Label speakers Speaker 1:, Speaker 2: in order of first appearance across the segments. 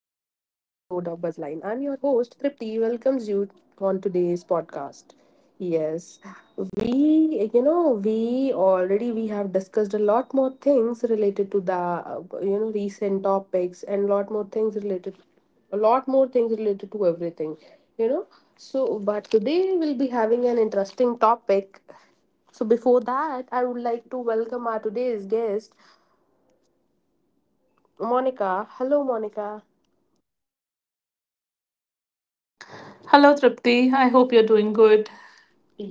Speaker 1: of Buzzline. I'm your host Tripti, welcomes you on today's podcast. Yes, we, you know, we already we have discussed a lot more things related to the recent topics and lot more things related to everything, you know. So, but today we'll be having an interesting topic so before that, I would like to welcome our today's guest. Monica. Hello, Monica.
Speaker 2: Hello, Tripti. I hope you're doing good.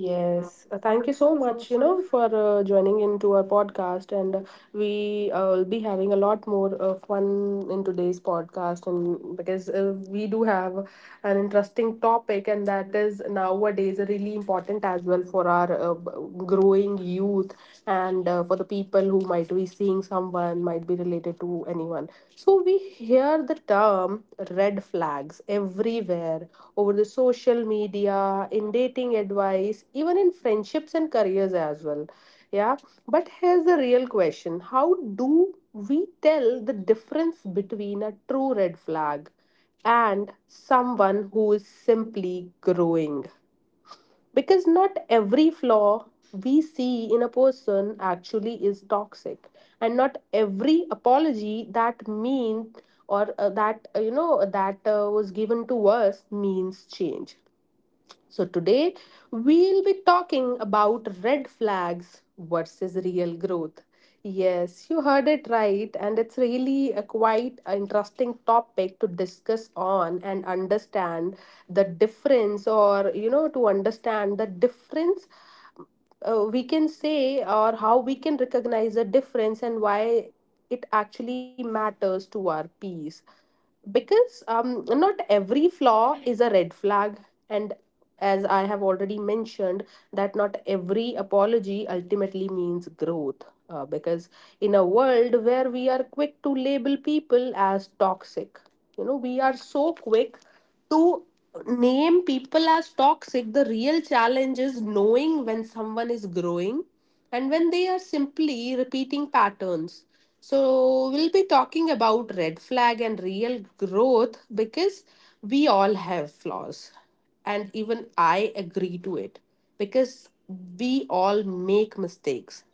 Speaker 2: Sure,
Speaker 1: thank you so much, for joining into our podcast. And we will be having a lot more fun in today's podcast, and because we do have an interesting topic, and that is nowadays really important as well for our growing youth and for the people who might be seeing someone might be related to anyone. So we hear the term red flags everywhere over the social media, in dating advice, even in friendships and careers as well. Yeah, but here's the real question. How do we tell the difference between a true red flag and someone who is simply growing? Because not every flaw we see in a person actually is toxic and not every apology that mean or that you know that was given to us means change. So, today we'll be talking about red flags versus real growth. Yes, you heard it right, and it's really a quite interesting topic to discuss on and understand the difference, or you know, to understand the difference, we can say, or how we can recognize the difference and why it actually matters to our peace because not every flaw is a red flag, and as I have already mentioned, that not every apology ultimately means growth, because in a world where we are quick to label people as toxic you know we are so quick to name people as toxic, the real challenge is knowing when someone is growing and when they are simply repeating patterns. So, we'll be talking about red flag and real growth because we all have flaws, and even I agree to it because we all make mistakes.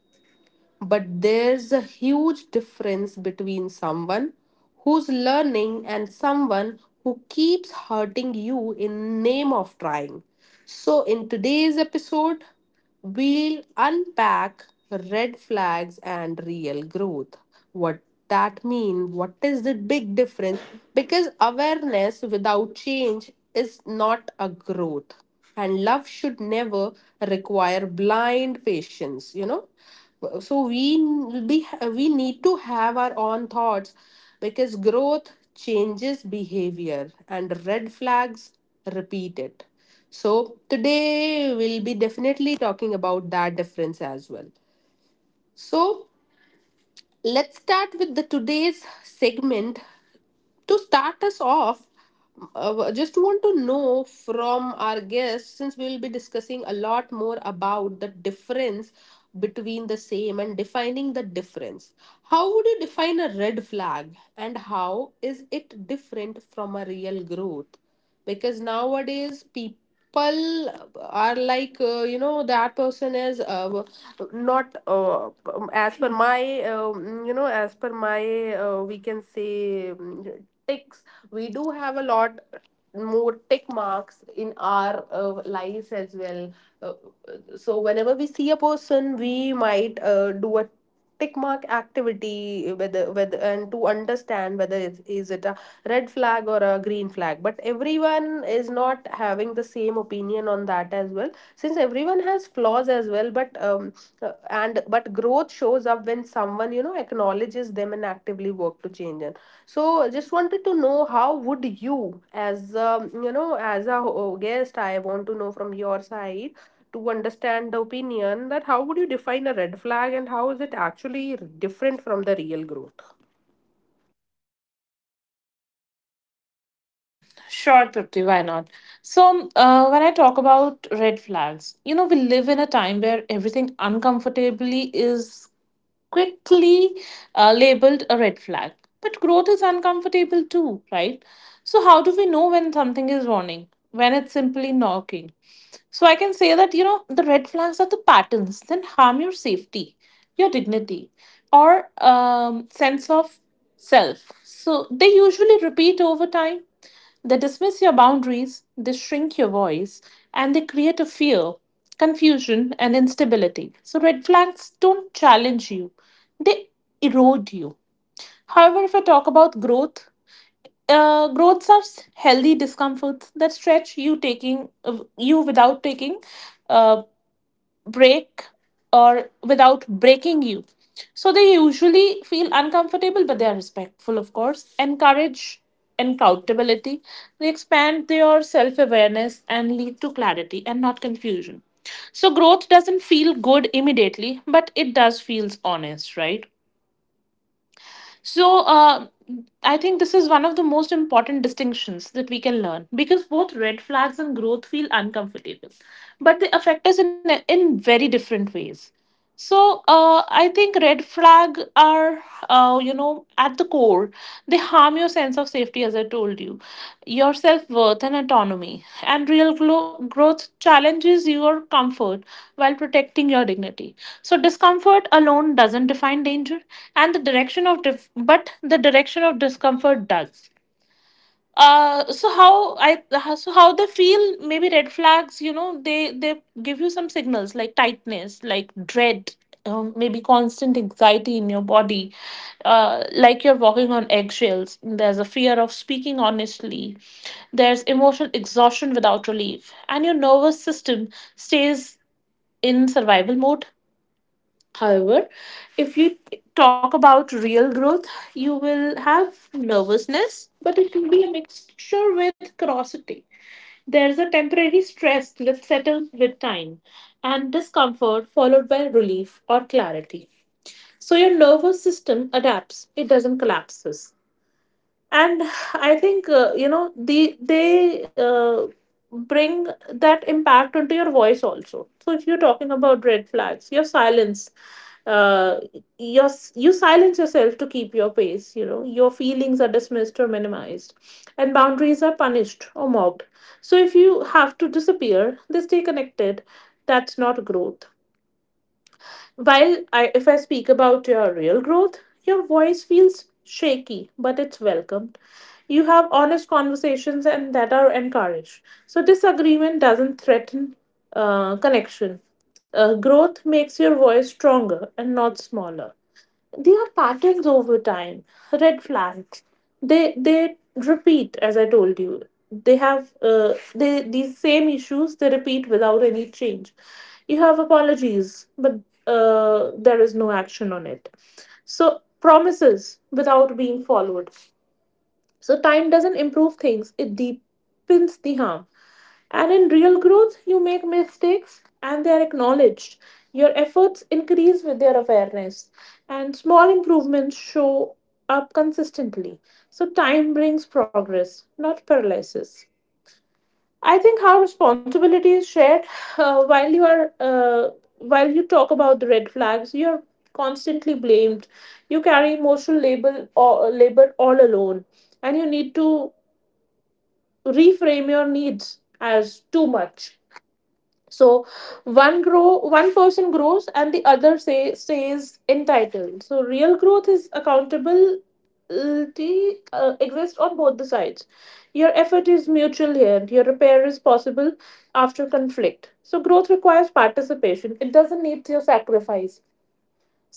Speaker 1: But there's a huge difference between someone who's learning and someone who keeps hurting you in name of trying. So in today's episode, we'll unpack red flags and real growth. What that mean? What is the big difference? Because awareness without change is not a growth and love should never require blind patience. So we n- be we need to have our own thoughts because growth changes behavior and red flags repeat it. So today we'll be definitely talking about that difference as well. So let's start with the today's segment. To start us off, just want to know from our guests, since we will be discussing a lot more about the difference between the same and defining the difference. How would you define a red flag and how is it different from a real growth? Because nowadays people are like that person is not as per my you know as per my we can say, ticks. We do have a lot more tick marks in our lives as well. uh, so whenever we see a person we might do a tick mark activity whether and to understand whether it is it a red flag or a green flag, but everyone is not having the same opinion on that as well, since everyone has flaws as well. But and but growth shows up when someone, you know, acknowledges them and actively work to change it. So just wanted to know how would you as as a guest, I want to know from your side to understand the opinion that how would you define a red flag and how is it actually different from the real growth.
Speaker 2: Tripti, why not? So when I talk about red flags, you know, we live in a time where everything uncomfortably is quickly labeled a red flag. But growth is uncomfortable too, right? So, how do we know when something is warning? When it's simply knocking? So, I can say that, you know, the red flags are the patterns that harm your safety, your dignity, or sense of self. So, they usually repeat over time. They dismiss your boundaries, they shrink your voice, and they create a fear, confusion, and instability. So, red flags don't challenge you, they erode you. However, if I talk about growth, healthy discomforts that stretch you taking you without taking uh, break or without breaking you. So they usually feel uncomfortable, but they are respectful, of course. Encourage accountability. They expand their self awareness and lead to clarity and not confusion. So growth doesn't feel good immediately, but it does feels honest, right? So, I think this is one of the most important distinctions that we can learn because both red flags and growth feel uncomfortable, but they affect us in very different ways. So, I think red flag are, at the core. They harm your sense of safety, as I told you, your self worth and autonomy. And real growth challenges your comfort while protecting your dignity. So, discomfort alone doesn't define danger, and the direction of discomfort does. Uh so how i uh, so how they feel: maybe red flags, you know, they give you some signals like tightness, like dread, maybe constant anxiety in your body, like you're walking on eggshells, there's a fear of speaking honestly, there's emotional exhaustion without relief, and your nervous system stays in survival mode. However, if you talk about real growth, you will have nervousness, but it will be a mixture with curiosity. There's a temporary stress that settles with time and discomfort followed by relief or clarity. So your nervous system adapts, it doesn't collapses. And I think you know the they bring that impact into your voice also. So if you're talking about red flags, uh, your you silence yourself to keep your pace, you know, your feelings are dismissed or minimized and boundaries are punished or mocked. So if you have to disappear, they stay connected. That's not growth. If I speak about your real growth, your voice feels shaky, but it's welcomed. You have honest conversations and that are encouraged. So disagreement doesn't threaten connection. Growth makes your voice stronger and not smaller. They are patterns over time. Red flags, they repeat, as I told you. They have uh, they these same issues, they repeat without any change. You have apologies, but there is no action on it. So promises without being followed, so time doesn't improve things, it deepens the harm. And in real growth, you make mistakes and they are acknowledged. Your efforts increase with their awareness, and small improvements show up consistently. So, time brings progress, not paralysis. I think how responsibility is shared uh, while you are uh, while you talk about the red flags, you're constantly blamed. You carry emotional label or labor all alone, and you need to reframe your needs as too much. So one person grows and the other say stays entitled. So real growth is accountability exists on both the sides. Your effort is mutual here and your repair is possible after conflict. So growth requires participation, it doesn't need your sacrifice.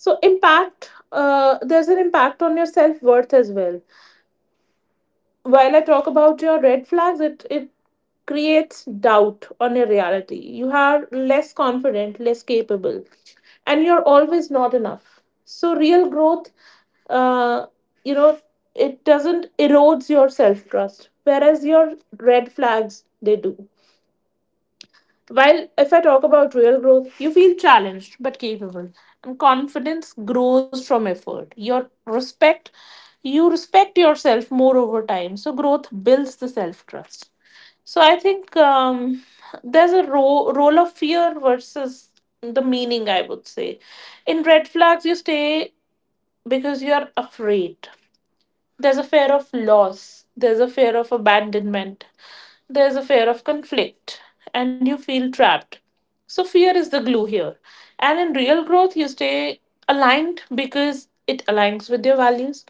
Speaker 2: So impact uh, there's an impact on your self-worth as well. While I talk about your red flags, it creates doubt on your reality. You are less confident, less capable, and you're always not enough. So real growth, uh, you know, it doesn't erodes your self trust, whereas your red flags they do. While if I talk about real growth, you feel challenged but capable, and confidence grows from effort. Your respect, you respect yourself more over time. So growth builds the self trust. So I think there's a role of fear versus the meaning. I would say, in red flags, you stay because you are afraid. There's a fear of loss, there's a fear of abandonment, there's a fear of conflict, and you feel trapped. So, fear is the glue here. And in real growth, you stay aligned because it aligns with your values,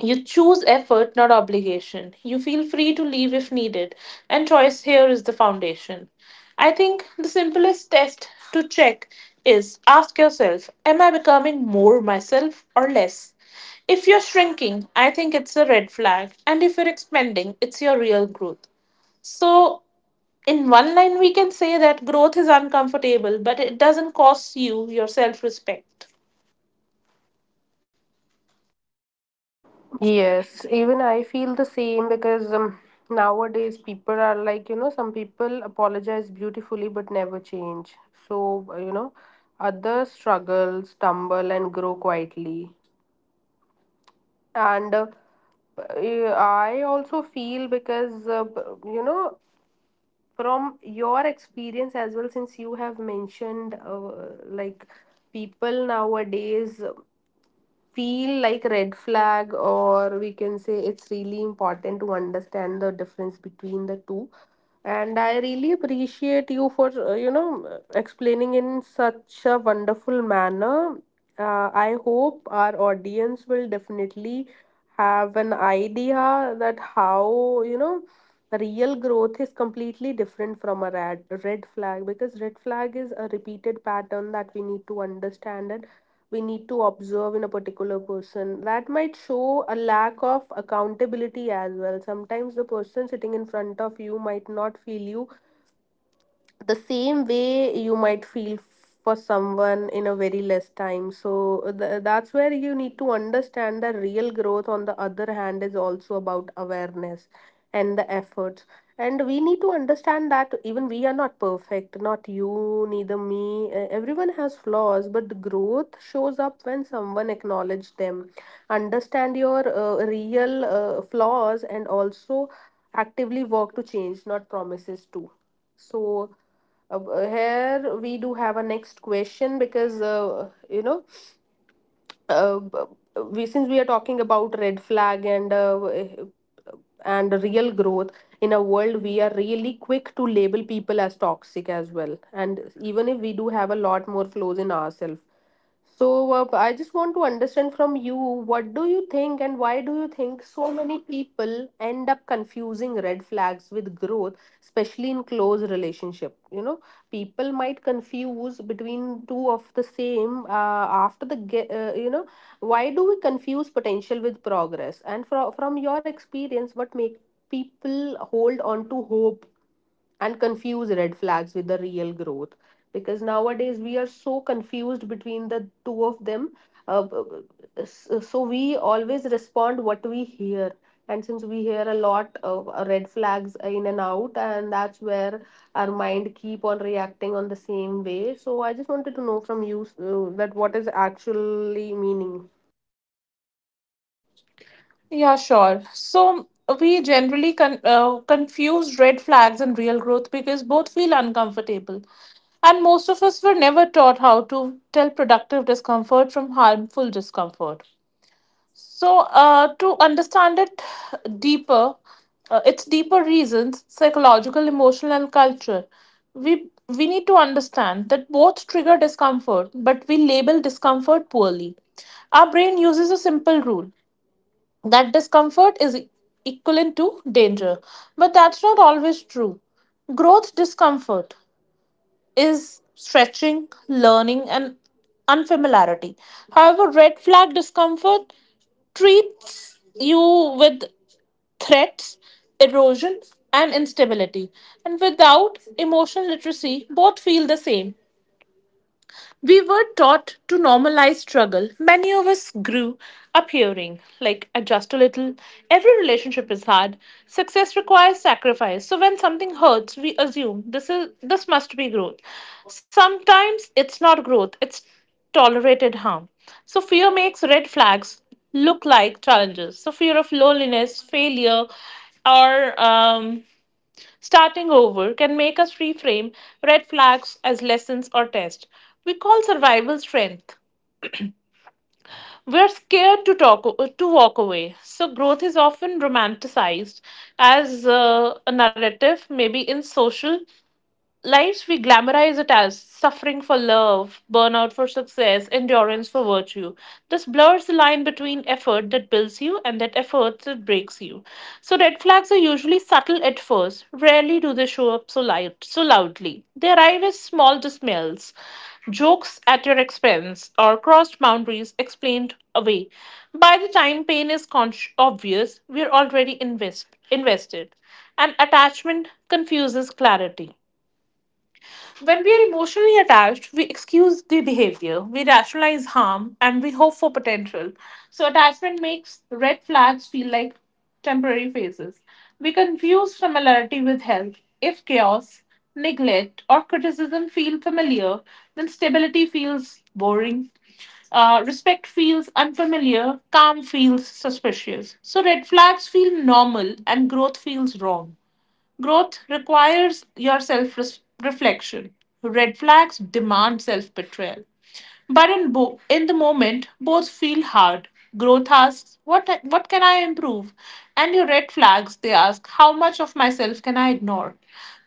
Speaker 2: you choose effort, not obligation. You feel free to leave if needed, and choice here is the foundation. I think the simplest test to check is ask yourself: am I becoming more myself or less? If you're shrinking, I think it's a red flag, and if you're expanding, it's your real growth. So, in one line, we can say that growth is uncomfortable, but it doesn't cost you your self respect.
Speaker 1: Yes, even I feel the same because nowadays people are like, you know, some people apologize beautifully but never change. So, others struggle, stumble, and grow quietly. And I also feel because, from your experience as well, since you have mentioned like people nowadays feel like red flag, or we can say, it's really important to understand the difference between the two. And I really appreciate you for explaining in such a wonderful manner. I hope our audience will definitely have an idea that how, you know, real growth is completely different from a red flag, because red flag is a repeated pattern that we need to understand and we need to observe in a particular person that might show a lack of accountability as well. Sometimes the person sitting in front of you might not feel you the same way you might feel for someone in a very less time. So that's where you need to understand that real growth on the other hand is also about awareness and the efforts. And we need to understand that even we are not perfect, not you neither me. Everyone has flaws, but the growth shows up when someone acknowledges them, understand your real flaws and also actively work to change, not promises to. So uh, here we do have a next question because uh, b- we, since we are talking about red flag and real growth in a world, we are really quick to label people as toxic as well, and even if we do have a lot more flaws in ourselves. So I just want to understand from you, what do you think and why do you think so many people end up confusing red flags with growth, especially in close relationship. You know, people might confuse between two of the same after the ge- you know Why do we confuse potential with progress, and from your experience what make people hold on to hope and confuse red flags with the real growth? Because nowadays we are so confused between the two of them. So we always respond what we hear, and since we hear a lot of red flags in and out, and that's where our mind keep on reacting on the same way. So I just wanted to know from you that what is actually meaning.
Speaker 2: Yeah, sure. So we generally confuse red flags and real growth because both feel uncomfortable. And most of us were never taught how to tell productive discomfort from harmful discomfort. So, to understand it deeper, its deeper reasons, psychological, emotional, and culture, we need to understand that both trigger discomfort, but we label discomfort poorly. Our brain uses a simple rule that discomfort is equivalent to danger. But that's not always true. Growth discomfort is stretching, learning, and unfamiliarity. However, red flag discomfort treats you with threats, erosion, and instability. And without emotional literacy, both feel the same. We were taught to normalize struggle. Many of us grew up hearing, like, adjust a little. Every relationship is hard. Success requires sacrifice. So when something hurts, we assume this must be growth. Sometimes it's not growth, it's tolerated harm. So fear makes red flags look like challenges. So fear of loneliness, failure, or starting over can make us reframe red flags as lessons or tests. We call survival strength. We are scared to walk away. So growth is often romanticized as a narrative, maybe in social lives we glamorize it as suffering for love, burnout for success, endurance for virtue. This blurs the line between effort that builds you and that effort that breaks you. So red flags are usually subtle at first. Rarely do they show up so light, so loudly. They arrive as small dismals, jokes at your expense, or crossed boundaries explained away. By the time pain is obvious, we're already invested. And attachment confuses clarity. When we are emotionally attached, we excuse the behavior, we rationalize harm, and we hope for potential. So, attachment makes red flags feel like temporary phases. We confuse familiarity with health. If chaos, neglect, or criticism feel familiar, then stability feels boring. Respect feels unfamiliar, calm feels suspicious. So, red flags feel normal, and growth feels wrong. Growth requires your self reflection. Red flags demand self betrayal. But in the moment, both feel hard. Growth asks, what can I improve? And your red flags, they ask, how much of myself can I ignore?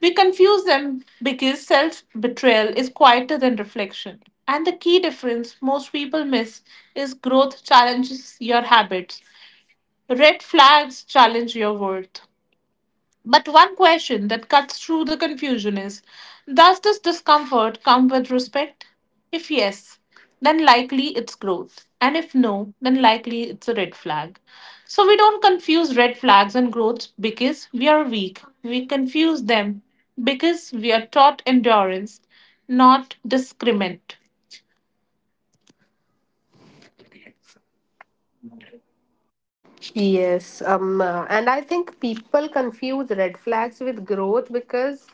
Speaker 2: We confuse them because self betrayal is quieter than reflection. And the key difference most people miss is growth challenges your habits. Red flags challenge your worth. But one question that cuts through the confusion is: does this discomfort come with respect? If yes, then likely it's growth. And if no, then likely it's a red flag. So we don't confuse red flags and growth because we are weak. We confuse them because we are taught endurance, not discriminant.
Speaker 1: Yes, and I think people confuse red flags with growth because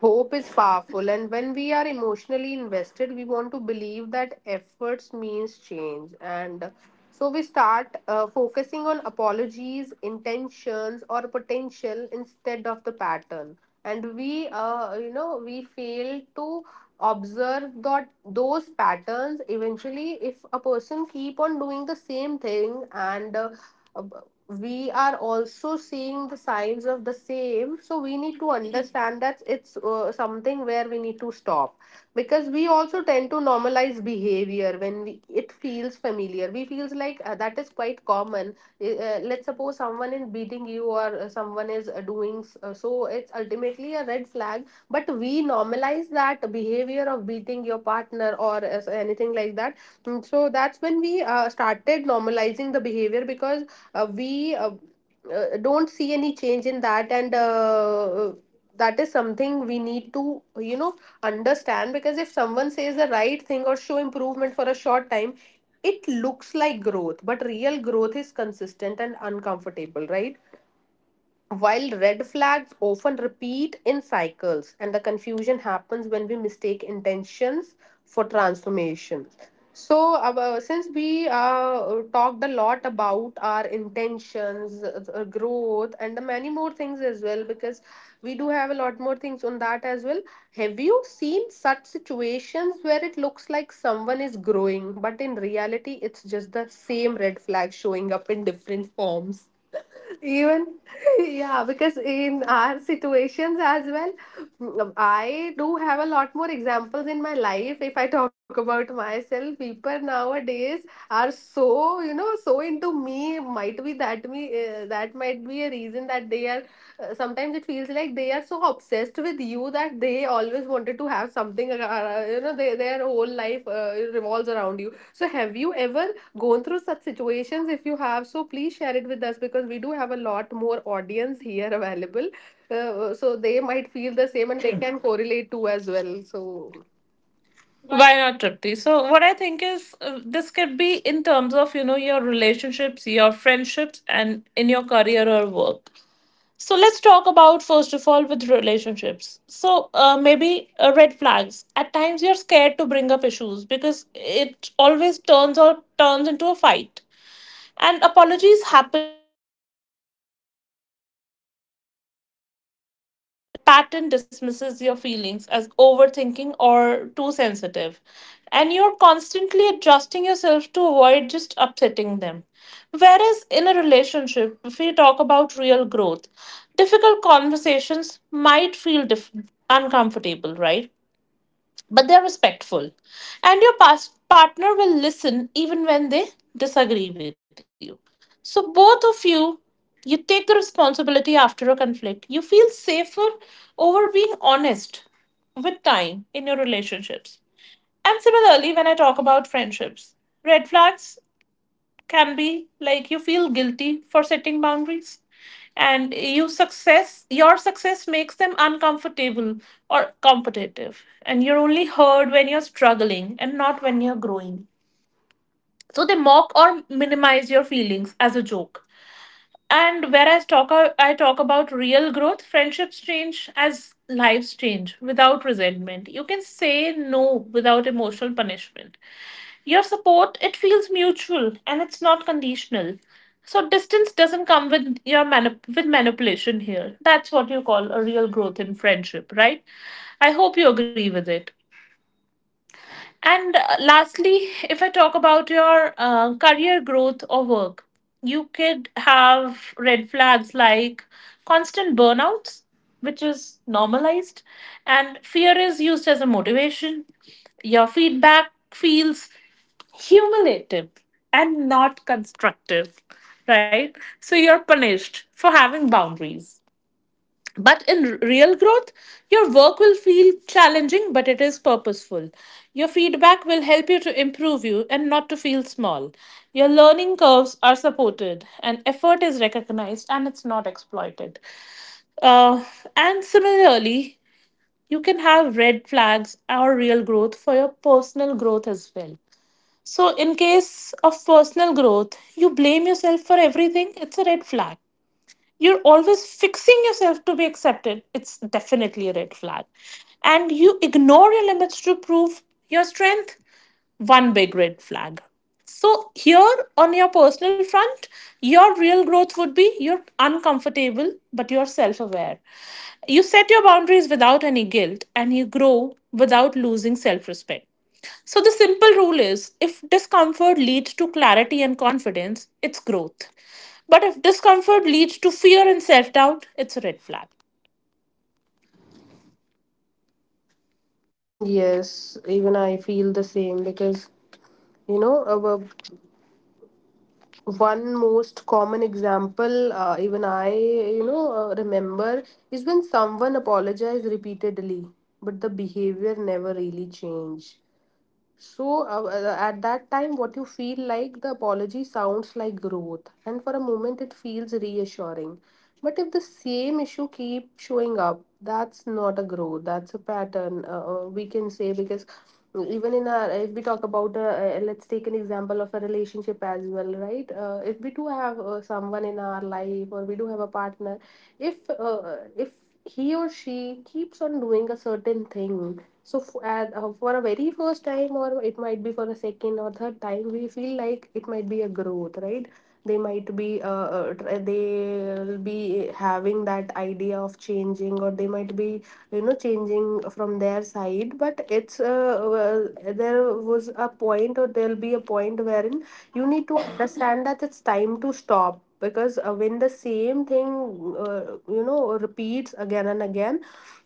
Speaker 1: hope is powerful. And when we are emotionally invested, we want to believe that efforts means change. And so we start focusing on apologies, intentions, or potential instead of the pattern. And we fail to observe that those patterns eventually, if a person keep on doing the same thing, and we are also seeing the signs of the same, so we need to understand that it's something where we need to stop. Because we also tend to normalize behavior when we, it feels familiar, we feels like that is quite common. Let's suppose someone is beating you, or someone is doing so, it's ultimately a red flag, but we normalize that behavior of beating your partner or anything like that. Mm, so that's when we started normalizing the behavior because we don't see any change in that, and that is something we need to, you know, understand. Because if someone says the right thing or show improvement for a short time, it looks like growth, but real growth is consistent and uncomfortable, right? While red flags often repeat in cycles, and the confusion happens when we mistake intentions for transformations. So, since we talked a lot about our intentions, growth, and the many more things as well, because we do have a lot more things on that as well. Have you seen such situations where it looks like someone is growing, but in reality, it's just the same red flag showing up in different forms? Even, yeah, because in our situations as well, mm, I do have a lot more examples in my life. If I talk about myself, people nowadays are so, you know, so into me. Might be that me, that might be a reason that they are. Sometimes it feels like they are so obsessed with you that they always wanted to have something. They, their whole life revolves around you. So, have you ever gone through such situations? If you have, so please share it with us because we do have a lot more audience here available. So they might feel the same and they can correlate too as well. So
Speaker 2: Why not, Tripti? So what I think is, this could be in terms of, you know, your relationships, your friendships, and in your career or work. So let's talk about first of all with relationships. So maybe red flags. At times you're scared to bring up issues because it always turns into a fight. And apologies happen, pattern dismisses your feelings as overthinking or too sensitive. And you're constantly adjusting yourself to avoid just upsetting them. Whereas in a relationship, if we talk about real growth, difficult conversations might feel uncomfortable, right? But they're respectful. And your partner will listen even when they disagree with you. So, both of you, you take the responsibility after a conflict. You feel safer over being honest with time in your relationships. And similarly, when I talk about friendships, red flags can be like you feel guilty for setting boundaries and your success makes them uncomfortable or competitive, and you're only heard when you're struggling and not when you're growing. So they mock or minimize your feelings as a joke. And whereas talk I talk about real growth, friendships change as lives change without resentment. You can say no without emotional punishment. Your support, it feels mutual and it's not conditional. So distance doesn't come with your manip- with manipulation here. That's what you call a real growth in friendship, right? I hope you agree with it. And lastly, if I talk about your career growth or work, you could have red flags like constant burnouts, which is normalized, and fear is used as a motivation. Your feedback feels cumulative and not constructive, right? So you're punished for having boundaries. But in real growth, your work will feel challenging, but it is purposeful. Your feedback will help you to improve you and not to feel small. Your learning curves are supported, and effort is recognized and it's not exploited. Uh, and similarly, you can have red flags or real growth for your personal growth as well. So, in case of personal growth, you blame yourself for everything, it's a red flag. You're always fixing yourself to be accepted, it's definitely a red flag. And you ignore your limits to prove your strength, one big red flag. So, here on your personal front, your real growth would be you're uncomfortable, but you're self aware. You set your boundaries without any guilt, and you grow without losing self respect. So, the simple rule is if discomfort leads to clarity and confidence, it's growth. But if discomfort leads to fear and self doubt, it's a red flag.
Speaker 1: yes, even I feel the same because you know uh, one most common example, even I, remember, is when someone apologized repeatedly but the behavior never really changed. So, at that time, what you feel like the apology sounds like growth, and for a moment it feels reassuring. But if the same issue keep showing up, that's not a growth. That's a pattern. We can say, because even in our, if we talk about, a, let's take an example of a relationship as well, right? If we do have someone in our life, or we do have a partner, if he or she keeps on doing a certain thing, so for a very first time, or it might be for a second or third time, we feel like it might be a growth, right? They might be, uh, they'll be having that idea of changing, or they might be, you know, changing from their side. But it's well, there was a point, or there'll be a point wherein you need to understand that it's time to stop, because when the same thing, you know, repeats again and again,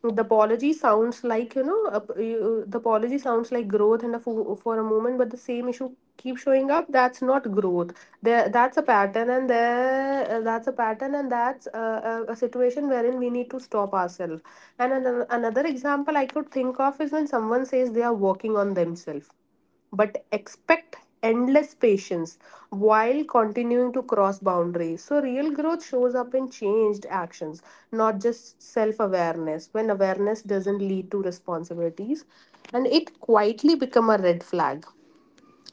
Speaker 1: the apology sounds like, you know, the apology sounds like growth and for a moment, but the same issue keep showing up, that's not growth. There, that's a pattern, and there, that's a pattern, and that's a situation wherein we need to stop ourselves. And another example I could think of is when someone says they are working on themselves but expect endless patience while continuing to cross boundaries. So real growth shows up in changed actions, not just self awareness. When awareness doesn't lead to responsibilities, and it quietly become a red flag.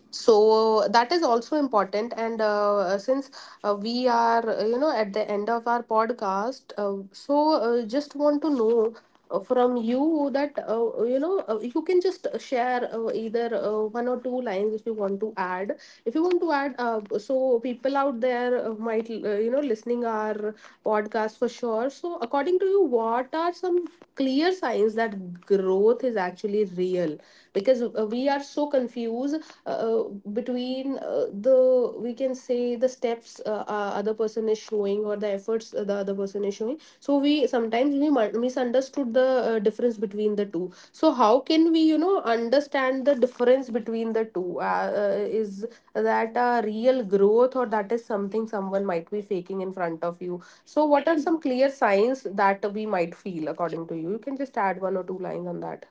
Speaker 1: So that is also important. And since, we are, you know, at the end of our podcast, so just want to know from you that, you can just share, either one or two lines if you want to add. If you want to add, so people out there might, you know, listening our podcast for sure. So, according to you, what are some clear signs that growth is actually real? Because we are so confused uh, between the, we can say, the steps, other person is showing, or the efforts, the other person is showing. So we sometimes we misunderstood the difference between the two. So how can we, you know, understand the difference between the two? Is that a real growth, or that is something someone might be faking in front of you? So what are some clear signs that we might feel according to you? You can just add one or two lines on that.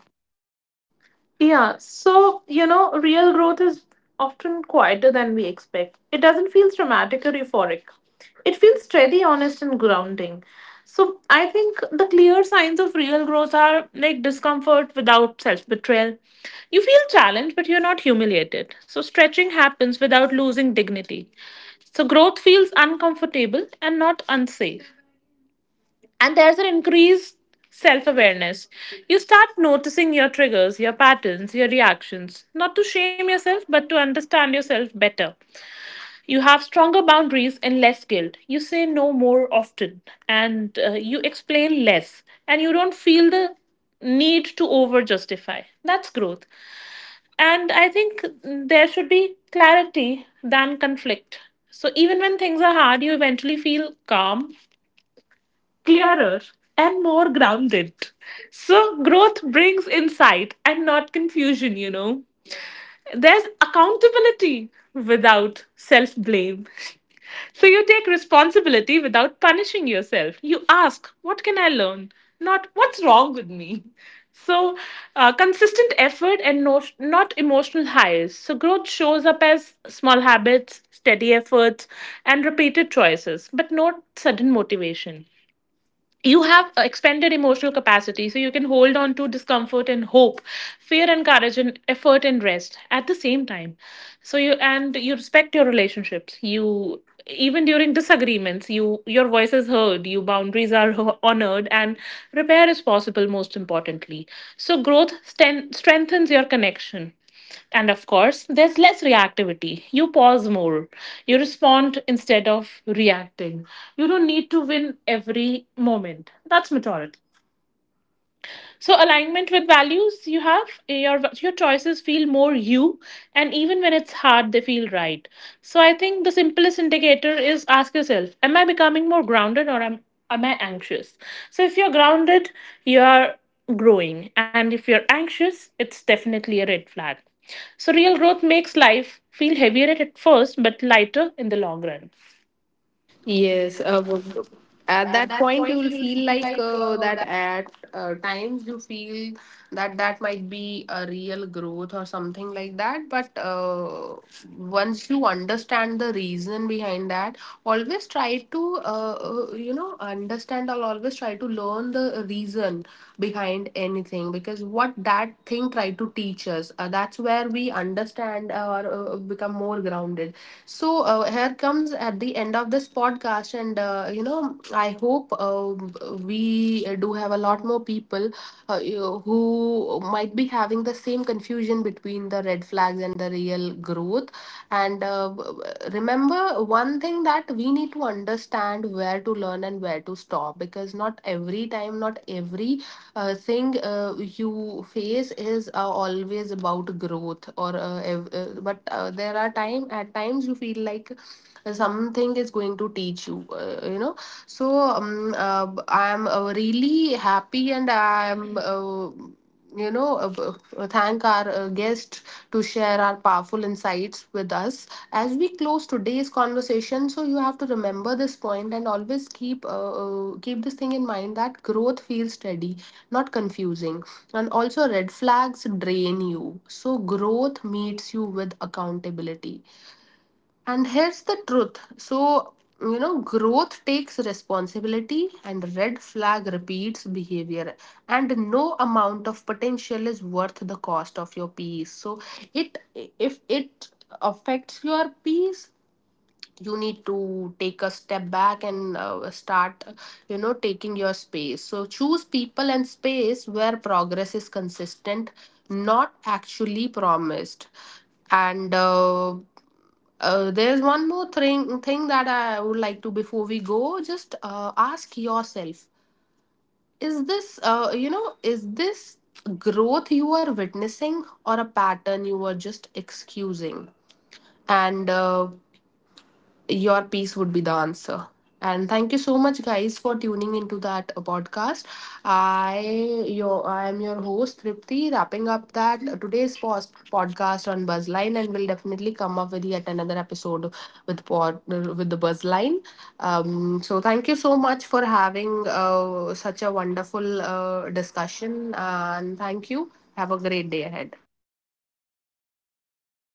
Speaker 2: Yeah, so you know, real growth is often quieter than we expect. It doesn't feel dramatic or euphoric. It feels steady, honest, and grounding. So I think the clear signs of real growth are like discomfort without self betrayal. You feel challenged, but you're not humiliated. So stretching happens without losing dignity. So growth feels uncomfortable and not unsafe. And there's an increased self awareness. You start noticing your triggers, your patterns, your reactions, not to shame yourself, but to understand yourself better. You have stronger boundaries and less guilt. You say no more often, and you explain less, and you don't feel the need to over justify. That's growth. And I think there should be clarity than conflict. So even when things are hard, you eventually feel calm, clearer, and more grounded. So, growth brings insight and not confusion, you know. There's accountability without self blame. So, you take responsibility without punishing yourself. You ask, What can I learn? Not, What's wrong with me? So, consistent effort and no, not emotional highs. So, growth shows up as small habits, steady efforts, and repeated choices, but not sudden motivation. You have expanded emotional capacity, so you can hold on to discomfort and hope, fear and courage, and effort and rest at the same time. So you, and you respect your relationships. You, even during disagreements, you, your voice is heard, you boundaries are honored, and repair is possible, most importantly. So growth strengthens your connection. And of course, there's less reactivity. You pause more. You respond instead of reacting. You don't need to win every moment. That's maturity. So alignment with values, you have your choices feel more you, and even when it's hard they feel right. So I think the simplest indicator is ask yourself, am I becoming more grounded, am I anxious? So if you're grounded, you are growing, and if you're anxious it's definitely a red flag. So real growth makes life feel heavier at first but lighter in the long run.
Speaker 1: Yes, at that point you will feel like that at times you feel that that might be a real growth or something like that. But once you understand the reason behind that, always try to you know, understand, or always try to learn the reason behind anything, because what that thing try to teach us, that's where we understand, or become more grounded. So here comes at the end of this podcast, and, you know, I hope, we do have a lot more people who might be having the same confusion between the red flags and the real growth. And remember one thing, that we need to understand where to learn and where to stop, because not every time, not every thing you face is always about growth, or but there are time, at times you feel like something is going to teach you, you know. So I'm really happy, and I'm, you know uh, b- thank our guest to share our powerful insights with us as we close today's conversation. So you have to remember this point, and always keep, keep this thing in mind, that growth feels steady, not confusing, and also red flags drain you. So growth meets you with accountability, and here's the truth. So, you know, growth takes responsibility and red flag repeats behavior, and no amount of potential is worth the cost of your peace. So, it if it affects your peace, you need to take a step back and start, you know, taking your space. So choose people and space where progress is consistent, not actually promised. And there's one more thing that I would like to before we go. Just ask yourself, is this you know is this growth you are witnessing, or a pattern you are just excusing? And your piece would be the answer. And thank you so much, guys, for tuning into that podcast. I am your host Tripti, wrapping up that today's post podcast on Buzzline, and we'll definitely come up with yet another episode with pod with the Buzzline. So thank you so much for having such a wonderful discussion, and thank you. Have a great day ahead.